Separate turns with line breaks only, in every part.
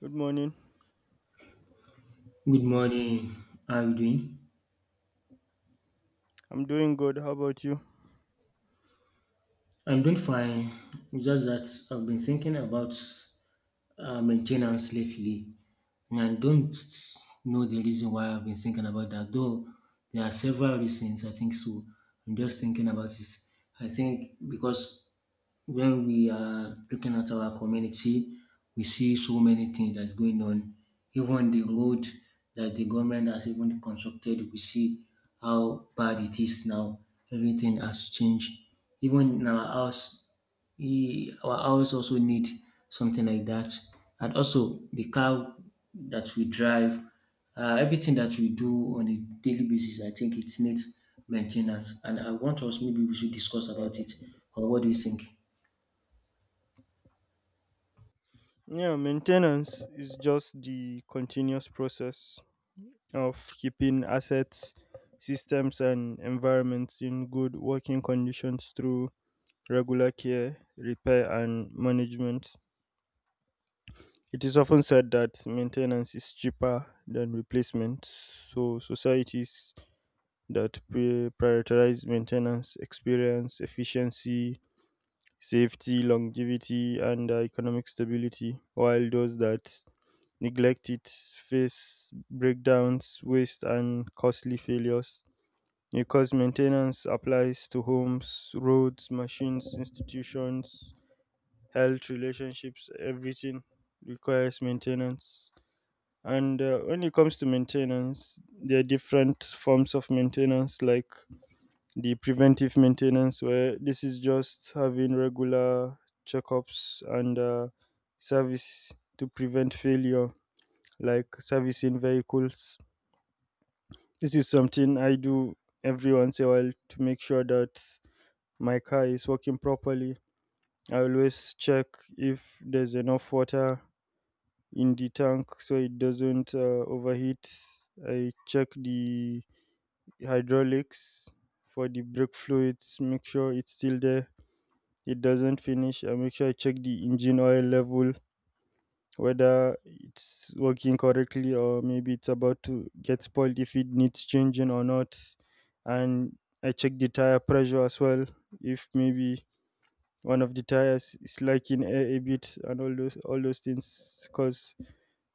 Good morning.
Good morning. How are you doing?
I'm doing good. How about you?
I'm doing fine. It's just that I've been thinking about maintenance lately. And I don't know the reason why I've been thinking about that, though there are several reasons I think so. I'm just thinking about this. I think because when we are looking at our community, we see so many things that's going on. Even the road that the government has even constructed, we see how bad it is now. Everything has changed. Even in our house, we, our house also need something like that, and also the car that we drive, everything that we do on a daily basis, I think it needs maintenance. And I want us maybe we should discuss about it. Or what do you think?
Yeah, maintenance is just the continuous process of keeping assets, systems, and environments in good working conditions through regular care, repair, and management. It is often said that maintenance is cheaper than replacement, so societies that prioritize maintenance experience efficiency, safety, longevity, and economic stability, while those that neglect it face breakdowns, waste, and costly failures. Because maintenance applies to homes, roads, machines, institutions, health, relationships, everything requires maintenance. And when it comes to maintenance, there are different forms of maintenance like the preventive maintenance, where this is just having regular checkups and service to prevent failure, like servicing vehicles. This is something I do every once in a while to make sure that my car is working properly. I always check if there's enough water in the tank so it doesn't overheat. I check the hydraulics for the brake fluids, make sure it's still there, it doesn't finish. I make sure I check the engine oil level, whether it's working correctly or maybe it's about to get spoiled, if it needs changing or not. And I check the tire pressure as well, if maybe one of the tires is lacking air a bit, and all those things, because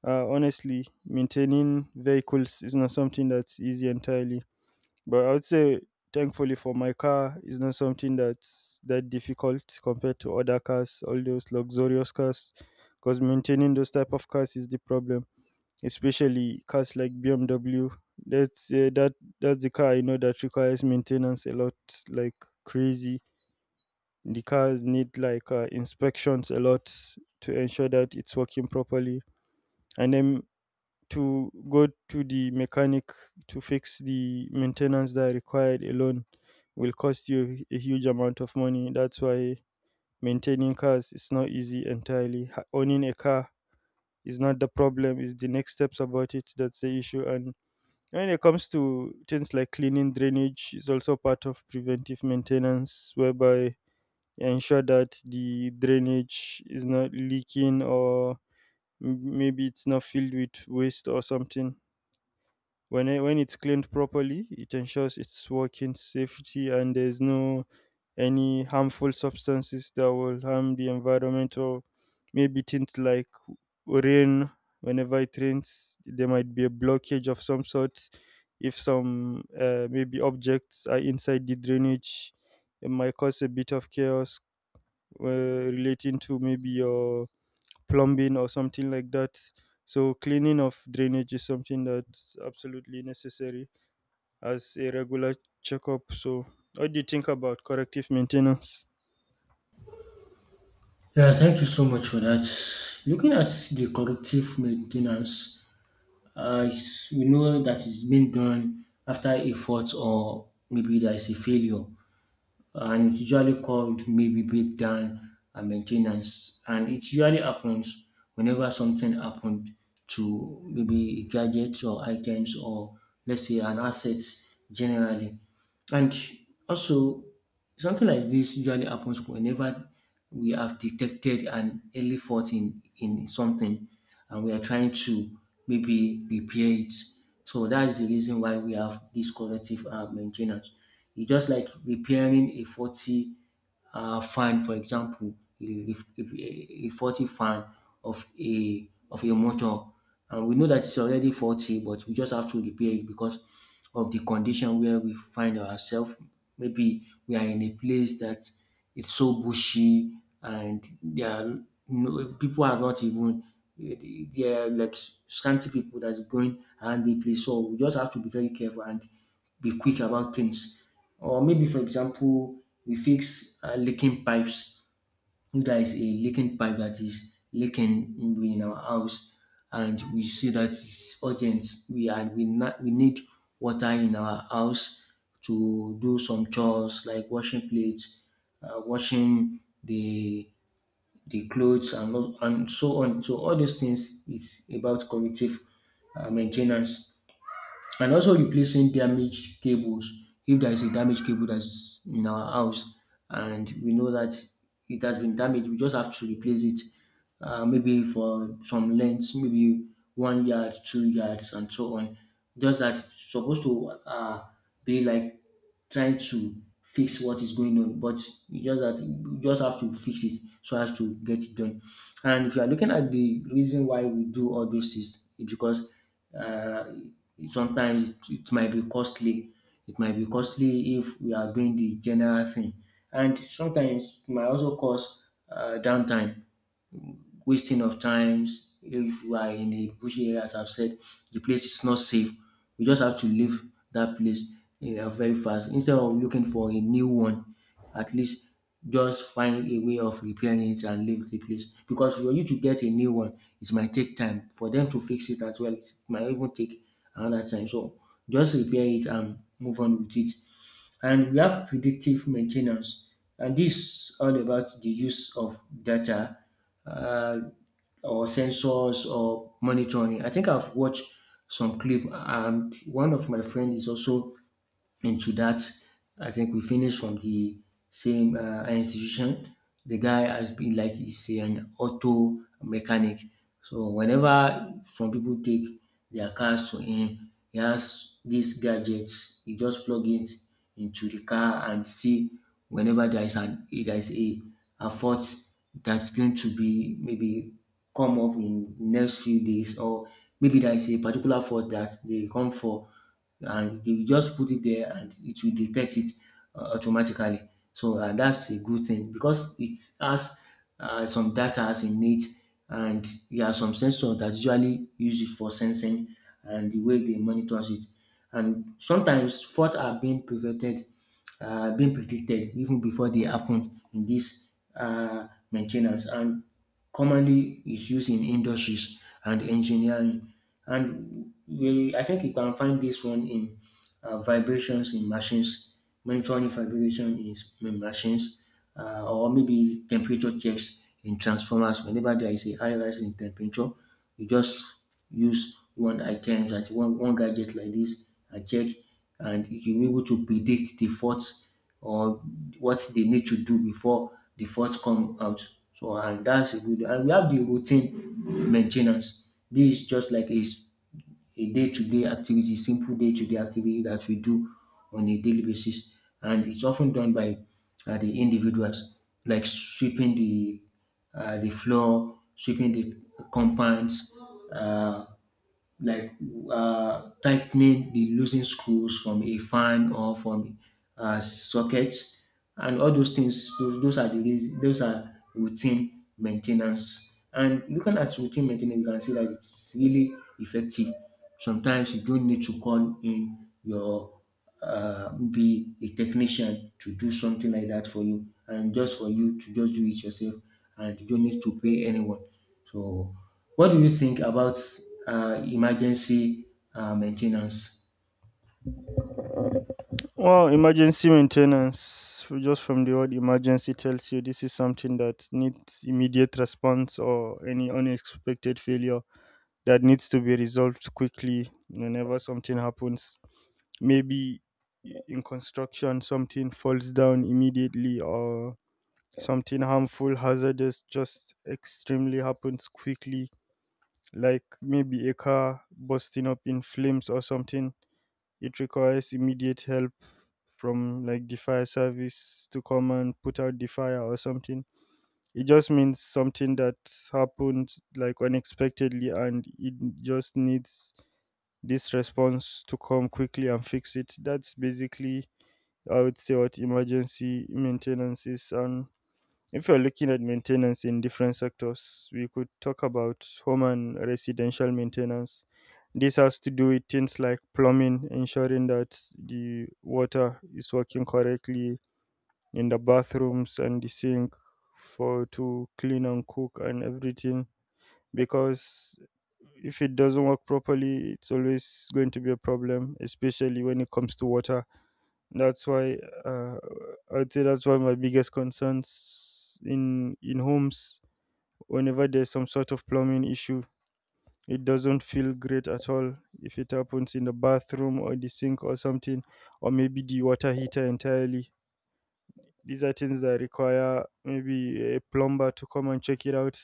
honestly, maintaining vehicles is not something that's easy entirely, but I would say, thankfully for my car, it's not something that's that difficult compared to other cars, all those luxurious cars, because maintaining those type of cars is the problem, especially cars like BMW. That's uh, that that's the car I know that requires maintenance a lot, like crazy. The cars need like inspections a lot to ensure that it's working properly, and then to go to the mechanic to fix the maintenance that are required alone will cost you a huge amount of money. That's why maintaining cars is not easy entirely. Owning a car is not the problem, it's the next steps about it that's the issue. And when it comes to things like cleaning drainage, is also part of preventive maintenance, whereby you ensure that the drainage is not leaking, or maybe it's not filled with waste or something. When it's cleaned properly, it ensures it's working safety and there's no any harmful substances that will harm the environment, or maybe things like rain. Whenever it rains, there might be a blockage of some sort. If some maybe objects are inside the drainage, it might cause a bit of chaos, relating to maybe your plumbing or something like that. So cleaning of drainage is something that's absolutely necessary as a regular checkup. So, what do you think about corrective maintenance?
Yeah, thank you so much for that. Looking at the corrective maintenance, uh, we know that it's been done after a fault or maybe there is a failure. And it's usually called maybe breakdown and maintenance. And it usually happens whenever something happened to maybe gadgets or items or let's say an asset generally. And also, something like this usually happens whenever we have detected an early fault in something and we are trying to maybe repair it. So that's the reason why we have this corrective maintenance. It's just like repairing a faulty fan, for example, a faulty fan of a motor, and we know that it's already faulty, but we just have to repair it because of the condition where we find ourselves. Maybe we are in a place that it's so bushy and there are no people are not even there are like scanty people that's going around the place. So we just have to be very careful and be quick about things. Or maybe, for example, we fix leaking pipes if there is a leaking pipe that is leaking in our house and we see that it's urgent, we and we not we need water in our house to do some chores like washing plates, washing the clothes and lo- and so on. So all those things is about corrective maintenance, and also replacing damaged cables if there is a damaged cable that's in our house and we know that it has been damaged, we just have to replace it maybe for some lengths maybe one yard, two yards and so on, just that supposed to be like trying to fix what is going on, but you just have to fix it so as to get it done. And if you are looking at the reason why we do all those things, it's because uh, sometimes it might be costly. It might be costly if we are doing the general thing. And sometimes it might also cause downtime, wasting of times. If you are in a bushy area, as I've said, the place is not safe. We just have to leave that place very fast. Instead of looking for a new one, at least just find a way of repairing it and leave the place. Because for you to get a new one, it might take time. For them to fix it as well, it might even take another time. So just repair it and move on with it. And we have predictive maintenance. And this is all about the use of data, uh, or sensors or monitoring. I think I've watched some clip and one of my friend is also into that. I think we finished from the same institution. The guy has been like he's an auto mechanic. So whenever some people take their cars to him, he has these gadgets. He just plug it into the car and see whenever there is a fault that's going to be maybe come up in next few days, or maybe there is a particular fault that they come for, and you just put it there and it will detect it automatically. So that's a good thing because it has some data in it, and there are some sensors that usually use it for sensing, and the way they monitors it. And sometimes faults are being prevented being predicted even before they happen in this maintenance, and commonly is used in industries and engineering. And we I think you can find this one in vibrations in machines, monitoring vibration in s- in machines or maybe temperature checks in transformers. Whenever there is a high rise in temperature, you just use one item that one gadget like this and check, and you'll be able to predict the faults or what they need to do before the faults come out. So and that's a good, and we have the routine maintenance. This is just like a, s- a day-to-day activity, simple day-to-day activity that we do on a daily basis. And it's often done by the individuals, like sweeping the floor, sweeping the compounds, uh, like tightening the losing screws from a fan or from sockets and all those things, those are the reas- those are routine maintenance. And looking at routine maintenance, you can see that it's really effective. Sometimes you don't need to call in your be a technician to do something like that for you, and just for you to just do it yourself, and you don't need to pay anyone. So, what do you think about emergency maintenance?
Well, emergency maintenance, just from the word emergency, tells you this is something that needs immediate response, or any unexpected failure that needs to be resolved quickly whenever something happens. Maybe in construction, something falls down immediately, or something harmful, hazardous, just extremely happens quickly, like maybe a car bursting up in flames or something. It requires immediate help from like the fire service to come and put out the fire or something. It just means something that happened like unexpectedly, and it just needs this response to come quickly and fix it. That's basically, I would say, what emergency maintenance is. And if you're looking at maintenance in different sectors, we could talk about home and residential maintenance. This has to do with things like plumbing, ensuring that the water is working correctly in the bathrooms and the sink for to clean and cook and everything, because if it doesn't work properly, it's always going to be a problem, especially when it comes to water. That's why uh, I'd say that's one of my biggest concerns in homes. Whenever there's some sort of plumbing issue, it doesn't feel great at all if it happens in the bathroom or the sink or something, or maybe the water heater entirely. These are things that require maybe a plumber to come and check it out.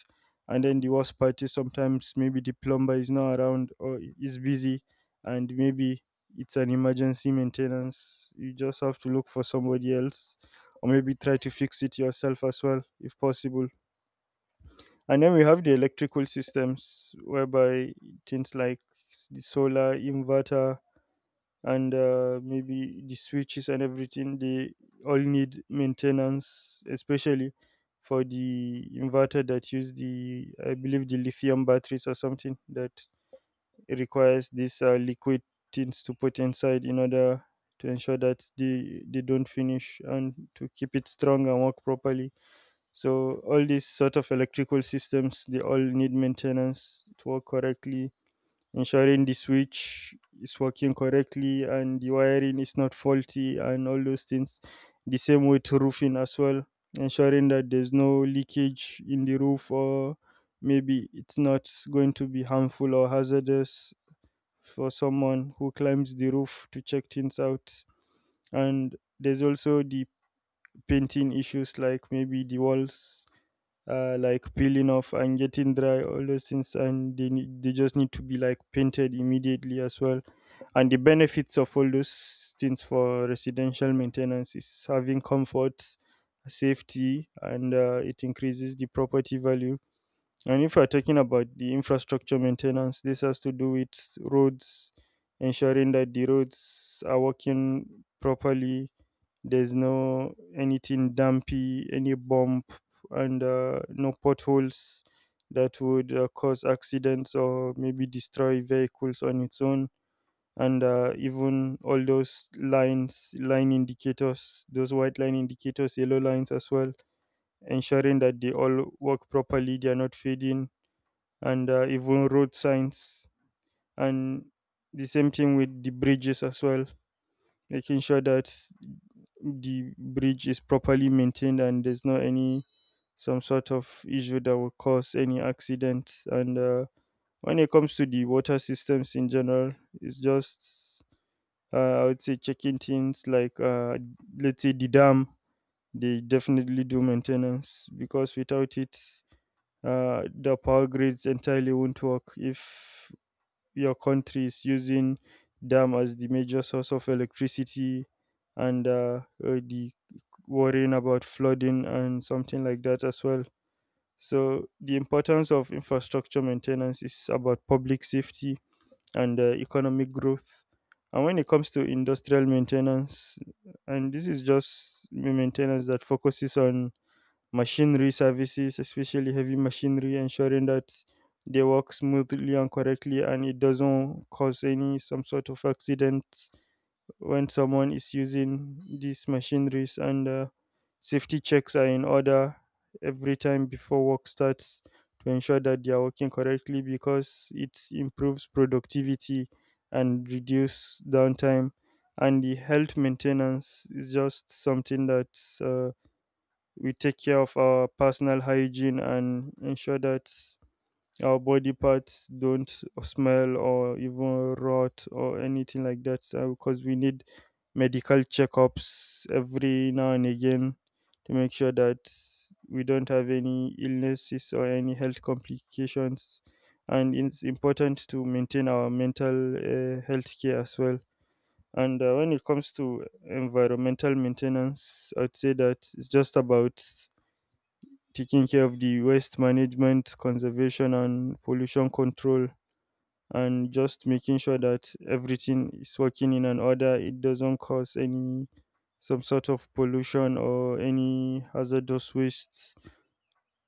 And then the worst part is sometimes maybe the plumber is not around or is busy, and maybe it's an emergency maintenance. You just have to look for somebody else, or maybe try to fix it yourself as well, if possible. And then we have the electrical systems, whereby things like the solar inverter and maybe the switches and everything, they all need maintenance, especially for the inverter that use the, I believe, the lithium batteries or something, that requires these liquid things to put inside in order to ensure that they don't finish, and to keep it strong and work properly. So all these sort of electrical systems, they all need maintenance to work correctly, ensuring the switch is working correctly and the wiring is not faulty and all those things. The same with roofing as well, ensuring that there's no leakage in the roof, or maybe it's not going to be harmful or hazardous for someone who climbs the roof to check things out. And there's also the painting issues, like maybe the walls like peeling off and getting dry, all those things, and they just need to be like painted immediately as well. And the benefits of all those things for residential maintenance is having comfort, safety, and it increases the property value. And if we're talking about the infrastructure maintenance, this has to do with roads, ensuring that the roads are working properly. There's no anything dumpy, any bump, and no potholes that would cause accidents or maybe destroy vehicles on its own. And even all those line indicators, those white line indicators, yellow lines as well, ensuring that they all work properly, they are not fading, and even road signs, and the same thing with the bridges as well, making sure that the bridge is properly maintained and there's not any some sort of issue that will cause any accident. And when it comes to the water systems in general, it's just I would say checking things like let's say the dam. They definitely do maintenance, because without it, the power grids entirely won't work. If your country is using dam as the major source of electricity, and the worrying about flooding and something like that as well. So the importance of infrastructure maintenance is about public safety and economic growth. And when it comes to industrial maintenance, and this is just maintenance that focuses on machinery services, especially heavy machinery, ensuring that they work smoothly and correctly and it doesn't cause any some sort of accident when someone is using these machineries. And safety checks are in order every time before work starts, to ensure that they are working correctly, because it improves productivity and reduce downtime. And the health maintenance is just something that uh, we take care of our personal hygiene and ensure that our body parts don't smell or even rot or anything like that, because we need medical checkups every now and again to make sure that we don't have any illnesses or any health complications. And it's important to maintain our mental health care as well. And when it comes to environmental maintenance, I'd say that it's just about taking care of the waste management, conservation, and pollution control, and just making sure that everything is working in an order. It doesn't cause any some sort of pollution or any hazardous wastes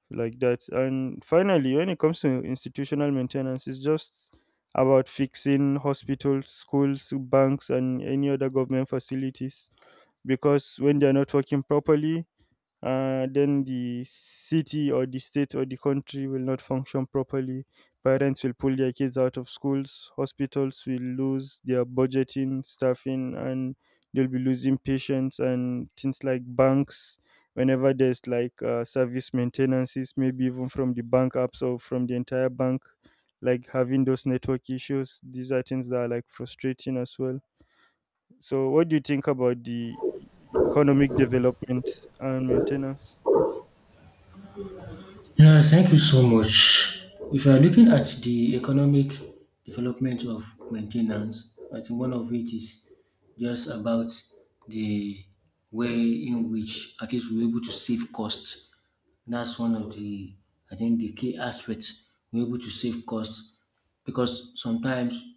like that. And finally, when it comes to institutional maintenance, it's just about fixing hospitals, schools, banks, and any other government facilities, because when they're not working properly, then the city or the state or the country will not function properly. Parents will pull their kids out of schools. Hospitals will lose their budgeting, staffing, and they'll be losing patients, and things like banks. Whenever there's like service maintenances, maybe even from the bank apps or from the entire bank, like having those network issues, these are things that are like frustrating as well. So, what do you think about the economic development and maintenance?
Yeah, thank you so much. If you are looking at the economic development of maintenance, I think one of it is just about the way in which at least we're able to save costs. That's one of the, I think, the key aspects. We're able to save costs because sometimes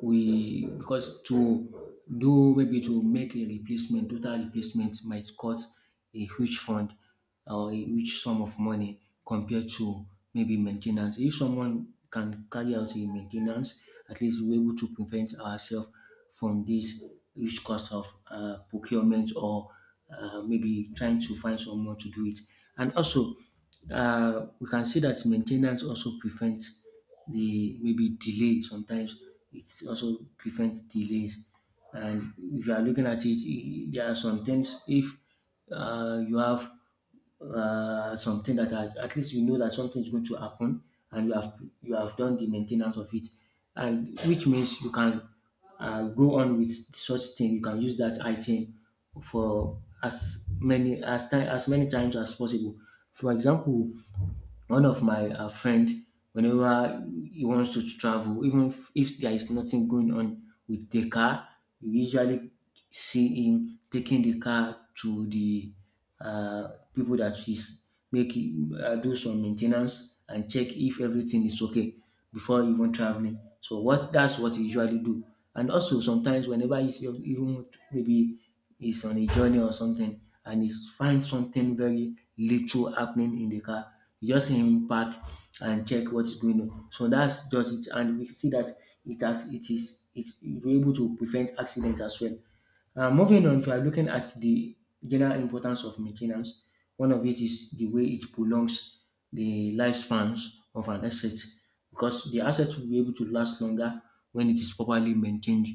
we because to do maybe to make a replacement, total replacement might cost a huge fund or a huge sum of money compared to maybe maintenance. If someone can carry out a maintenance, at least we're able to prevent ourselves from this huge cost of procurement or maybe trying to find someone to do it. And also we can see that maintenance also prevents the maybe delay, sometimes it also prevents delays. And if you are looking at it, I- there are some things if you have something that has, at least you know that something is going to happen and you have done the maintenance of it, and which means you can go on with such thing, you can use that item for as many as time, as many times as possible. For example, one of my friend, whenever he wants to travel, even if there is nothing going on with the car, you usually see him taking the car to the people that she's make do some maintenance and check if everything is okay before even traveling. So what that's what he usually do. And also sometimes whenever he's ev- even maybe he's on a journey or something and he finds something very little happening in the car, you just see him park and check what is going on. So that's just it. And we see that it has it is it, it we're able to prevent accident as well. Moving on, if you are looking at the general importance of maintenance. One of it is the way it prolongs the lifespans of an asset, because the asset will be able to last longer when it is properly maintained.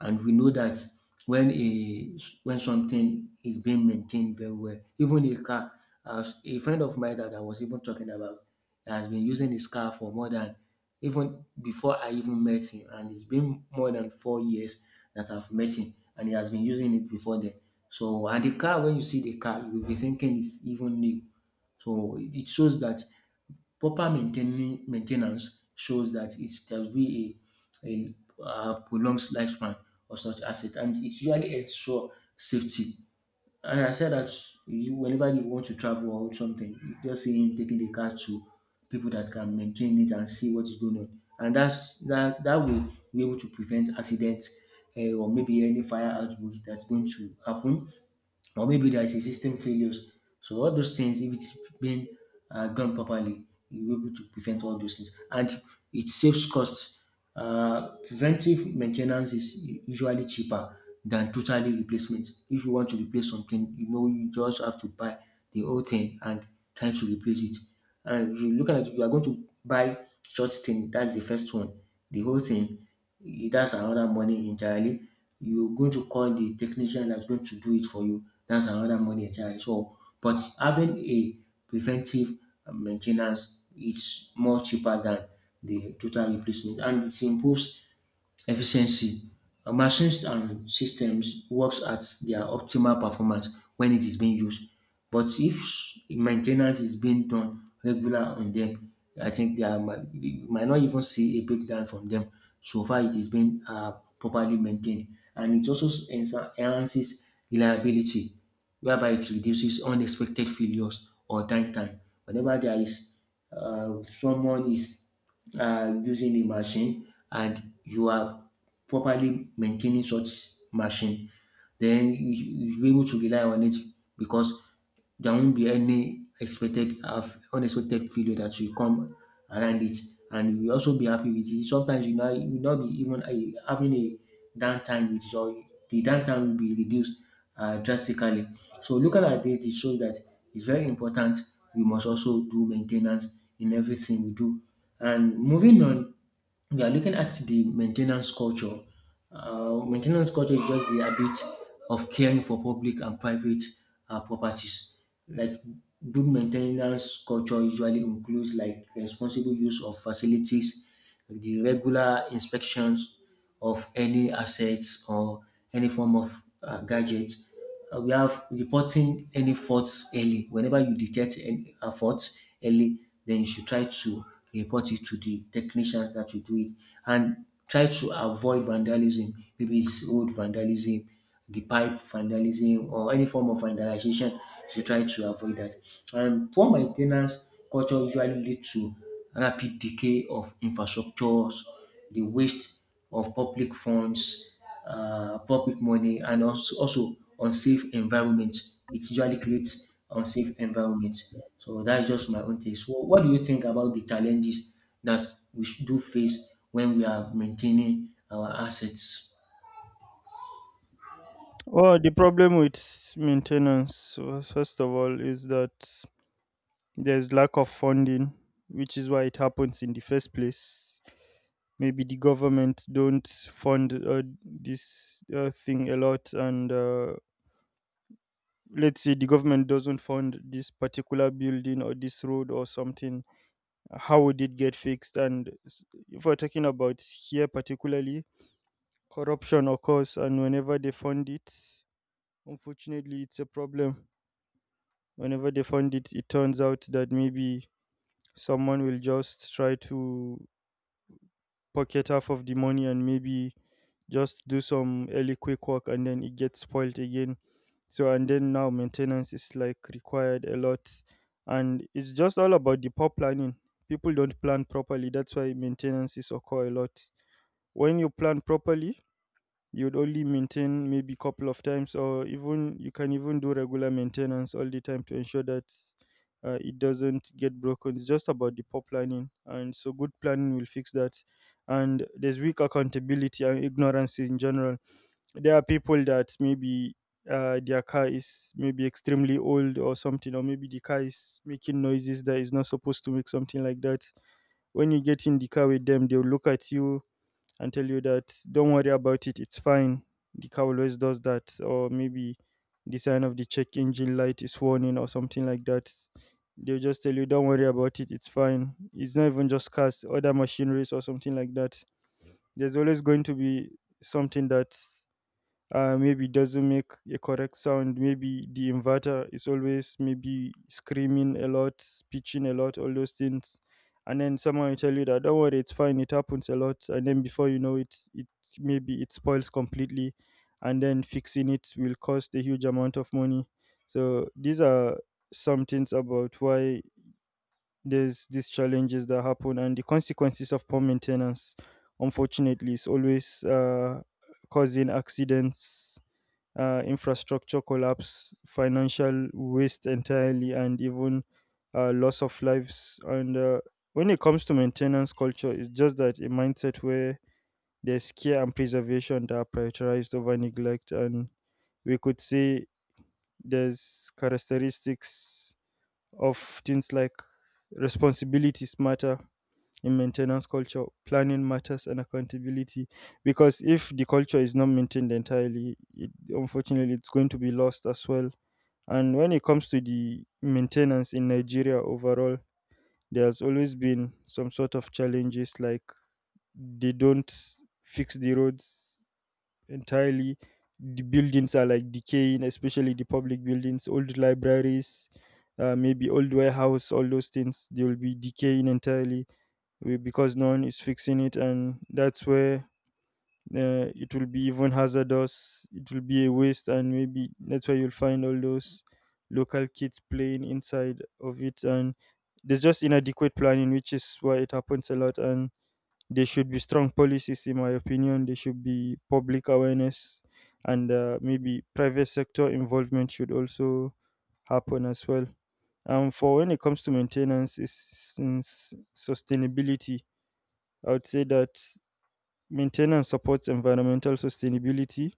And we know that when a when something is being maintained very well, even a car, as a friend of mine that I was even talking about has been using his car for more than, even before I even met him, and it's been more than four years that I've met him, and he has been using it before then. So and the car, when you see the car, you will be thinking it's even new. So it shows that proper maintaining maintenance shows that it there will be a prolonged lifespan of such asset, and it usually ensure safety. And I said that you, whenever you want to travel or something, you just see him taking the car to people that can maintain it and see what is going on. And that's that that way we're able to prevent accidents or maybe any fire outbreak that's going to happen, or maybe there is a system failures. So all those things, if it's been done properly, you'll be able to prevent all those things, and it saves costs. Preventive maintenance is usually cheaper than totally replacement. If you want to replace something, you know you just have to buy the whole thing and try to replace it. And if you look at it, you are going to buy short thing. That's the first one. The whole thing, that's another money entirely. You're going to call the technician that's going to do it for you. That's another money entirely. So, but having a preventive maintenance is more cheaper than the total replacement, and it improves efficiency. Machines and systems works at their optimal performance when it is being used. But if maintenance is being done regular on them, I think you might not even see a breakdown from them so far it is being properly maintained. And it also enhances reliability whereby it reduces unexpected failures or downtime. Whenever there is someone is using a machine and you are properly maintaining such machine, then you'll be able to rely on it because there won't be any expected unexpected failure that will come around it, and you will also be happy with it. Sometimes you will not be even having a downtime with your the downtime will be reduced drastically. So looking at this, it shows that it's very important we must also do maintenance in everything we do. And moving on, we are looking at the maintenance culture. Maintenance culture is just the habit of caring for public and private properties. Like, good maintenance culture usually includes like responsible use of facilities, like the regular inspections of any assets or any form of gadgets, we have reporting any faults early. Whenever you detect any a fault early, then you should try to report it to the technicians that you do it, and try to avoid vandalism. Maybe it's road vandalism, the pipe vandalism, or any form of vandalization. You should try to avoid that. And poor maintenance culture usually lead to rapid decay of infrastructures, the waste of public funds, poor quick money, and also unsafe environment. It usually creates unsafe environment. So that's just my own take. So what do you think about the challenges that we should do face when we are maintaining our assets?
Well, the problem with maintenance, was, first of all, is that there's lack of funding, which is why it happens in the first place. Maybe the government don't fund this thing a lot, and let's say the government doesn't fund this particular building or this road or something. How would it get fixed? And if we're talking about here particularly, corruption occurs, and whenever they fund it, unfortunately, it's a problem. Whenever they fund it, it turns out that maybe someone will just try to pocket half of the money and maybe just do some early quick work and then it gets spoiled again. So, and then now maintenance is like required a lot. And it's just all about the poor planning. People don't plan properly. That's why maintenance is occur a lot. When you plan properly, you would only maintain maybe couple of times or even you can even do regular maintenance all the time to ensure that it doesn't get broken. It's just about the poor planning, and so good planning will fix that. And there's weak accountability and ignorance in general. There are people that maybe their car is maybe extremely old or something, or maybe the car is making noises that is not supposed to make, something like that. When you get in the car with them, they'll look at you and tell you that don't worry about it, it's fine. The car always does that, or maybe the sign of the check engine light is warning or something like that. They'll just tell you, don't worry about it, it's fine. It's not even just cars, other machineries or something like that. There's always going to be something that maybe it doesn't make a correct sound. Maybe the inverter is always maybe screaming a lot, pitching a lot, all those things. And then someone will tell you that don't worry, it's fine, it happens a lot. And then before you know it, it maybe it spoils completely, and then fixing it will cost a huge amount of money. So these are some things about why there's these challenges that happen and the consequences of poor maintenance. Unfortunately, is always causing accidents, infrastructure collapse, financial waste entirely, and even loss of lives. And when it comes to maintenance culture, it's just that a mindset where there's care and preservation that are prioritized over neglect. And we could say there's characteristics of things like responsibilities matter in maintenance culture, planning matters, and accountability. Because if the culture is not maintained entirely, it, unfortunately, it's going to be lost as well. And when it comes to the maintenance in Nigeria overall, there's always been some sort of challenges like they don't fix the roads entirely. The buildings are like decaying, especially the public buildings, old libraries, maybe old warehouse, all those things, they will be decaying entirely because no one is fixing it, and that's where it will be even hazardous, it will be a waste, and maybe that's why you'll find all those local kids playing inside of it. And there's just inadequate planning, which is why it happens a lot. And there should be strong policies in my opinion, there should be public awareness, and maybe private sector involvement should also happen as well. For when it comes to maintenance is sustainability, I would say that maintenance supports environmental sustainability,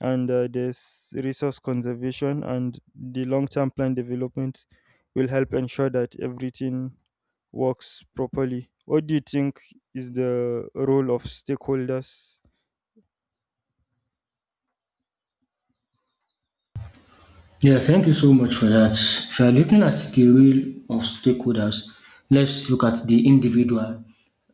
and there's resource conservation, and the long-term plan development will help ensure that everything works properly. What do you think is the role of stakeholders?
Yeah, thank you so much for that. If you are looking at the role of stakeholders, let's look at the individual.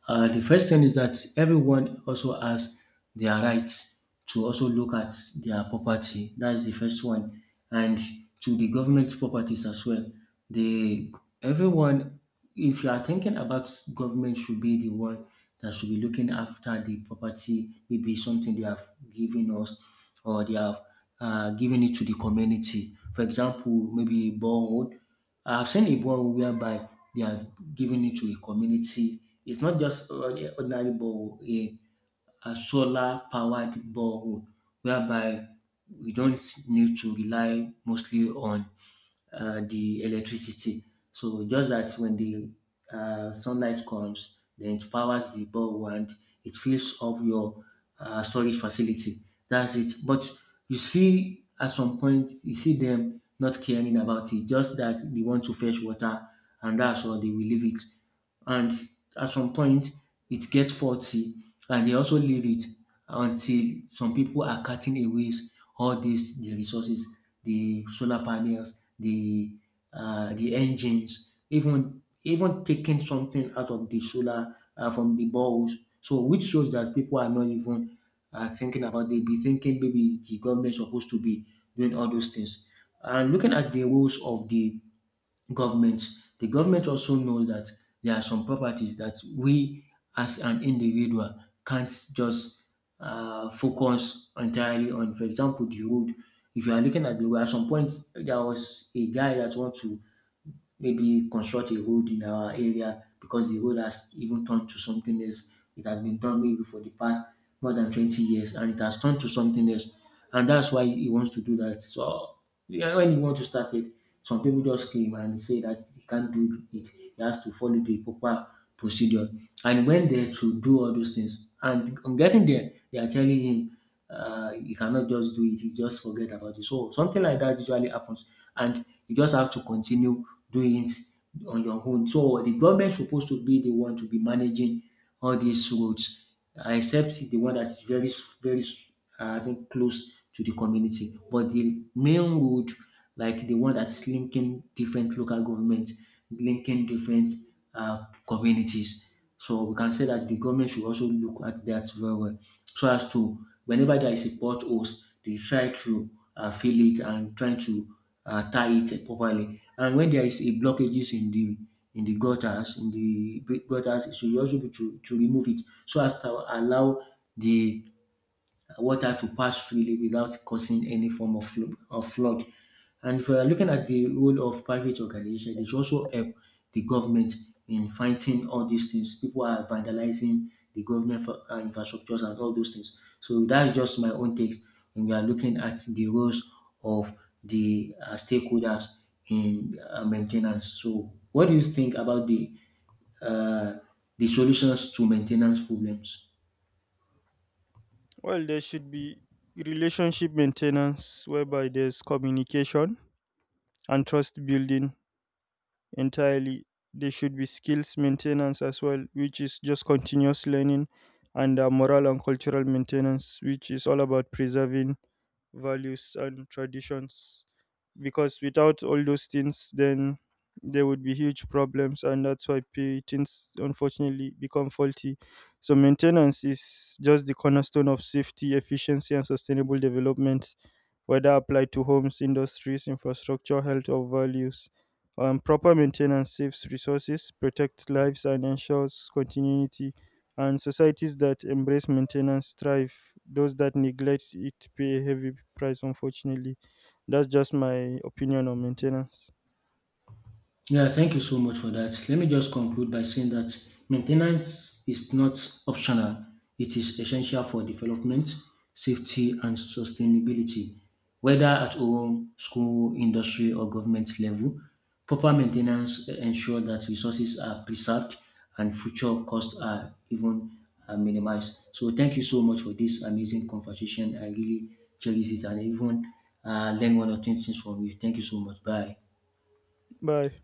The first thing is that everyone also has their rights to also look at their property. That's the first one, and to the government properties as well. The everyone, if you are thinking about government should be the one that should be looking after the property, maybe something they have given us or they have given it to the community. For example, maybe borrowed. I've seen a borrow whereby they have given it to a community. It's not just ordinary ordinary borrow, a solar powered borrow whereby we don't need to rely mostly on the electricity. So just that when the sunlight comes, then it powers the bulb and it fills up your storage facility. That's it. But you see, at some point, you see them not caring about it. Just that they want to fetch water, and that's all they will leave it. And at some point, it gets faulty, and they also leave it until some people are cutting away all the resources, the solar panels, the engines, even taking something out of the solar from the balls. So which shows that people are not even thinking about. They be thinking maybe the government supposed to be doing all those things. And looking at the roles of the government. The government also knows that there are some properties that we as an individual can't just focus entirely on. For example, the road. If you are looking at the road, at some point there was a guy that want to maybe construct a road in our area because the road has even turned to something else. It has been done maybe for the past more than 20 years and it has turned to something else. And that's why he wants to do that. So yeah, when he wants to start it, some people just came and say that he can't do it. He has to follow the proper procedure. And when they to do all those things. And on getting there, they are telling him, you cannot just do it, you just forget about it. So something like that usually happens. And you just have to continue doing it on your own. So the government supposed to be the one to be managing all these roads, except the one that is very I think close to the community. But the main road, like the one that's linking different local government, linking different communities. So we can say that the government should also look at that very well, so as to whenever there is a potholes, they try to fill it and trying to tie it properly. And when there is a blockages in the gutters, in the big gutters, it should also be to remove it so as to allow the water to pass freely without causing any form of flood. And if we are looking at the role of private organization, they should also help the government in fighting all these things. People are vandalizing the government for, infrastructures and all those things. So that's just my own take when we are looking at the roles of the stakeholders in maintenance. So what do you think about the uh, solutions to maintenance problems?
Well, there should be relationship maintenance whereby there's communication and trust building entirely. There should be skills maintenance as well, which is just continuous learning, and moral and cultural maintenance, which is all about preserving values and traditions. Because without all those things, then there would be huge problems, and that's why patents unfortunately become faulty. So maintenance is just the cornerstone of safety, efficiency, and sustainable development, whether applied to homes, industries, infrastructure, health, or values. Proper maintenance saves resources, protects lives, and ensures continuity, and societies that embrace maintenance thrive. Those that neglect it pay a heavy price, unfortunately. That's just my opinion on maintenance.
Yeah, thank you so much for that. Let me just conclude by saying that maintenance is not optional, it is essential for development, safety, and sustainability. Whether at home, school, industry, or government level, proper maintenance ensures that resources are preserved and future costs are even minimized. So, thank you so much for this amazing conversation. I really cherish it and even learn one or two things from you. Thank you so much. Bye.
Bye.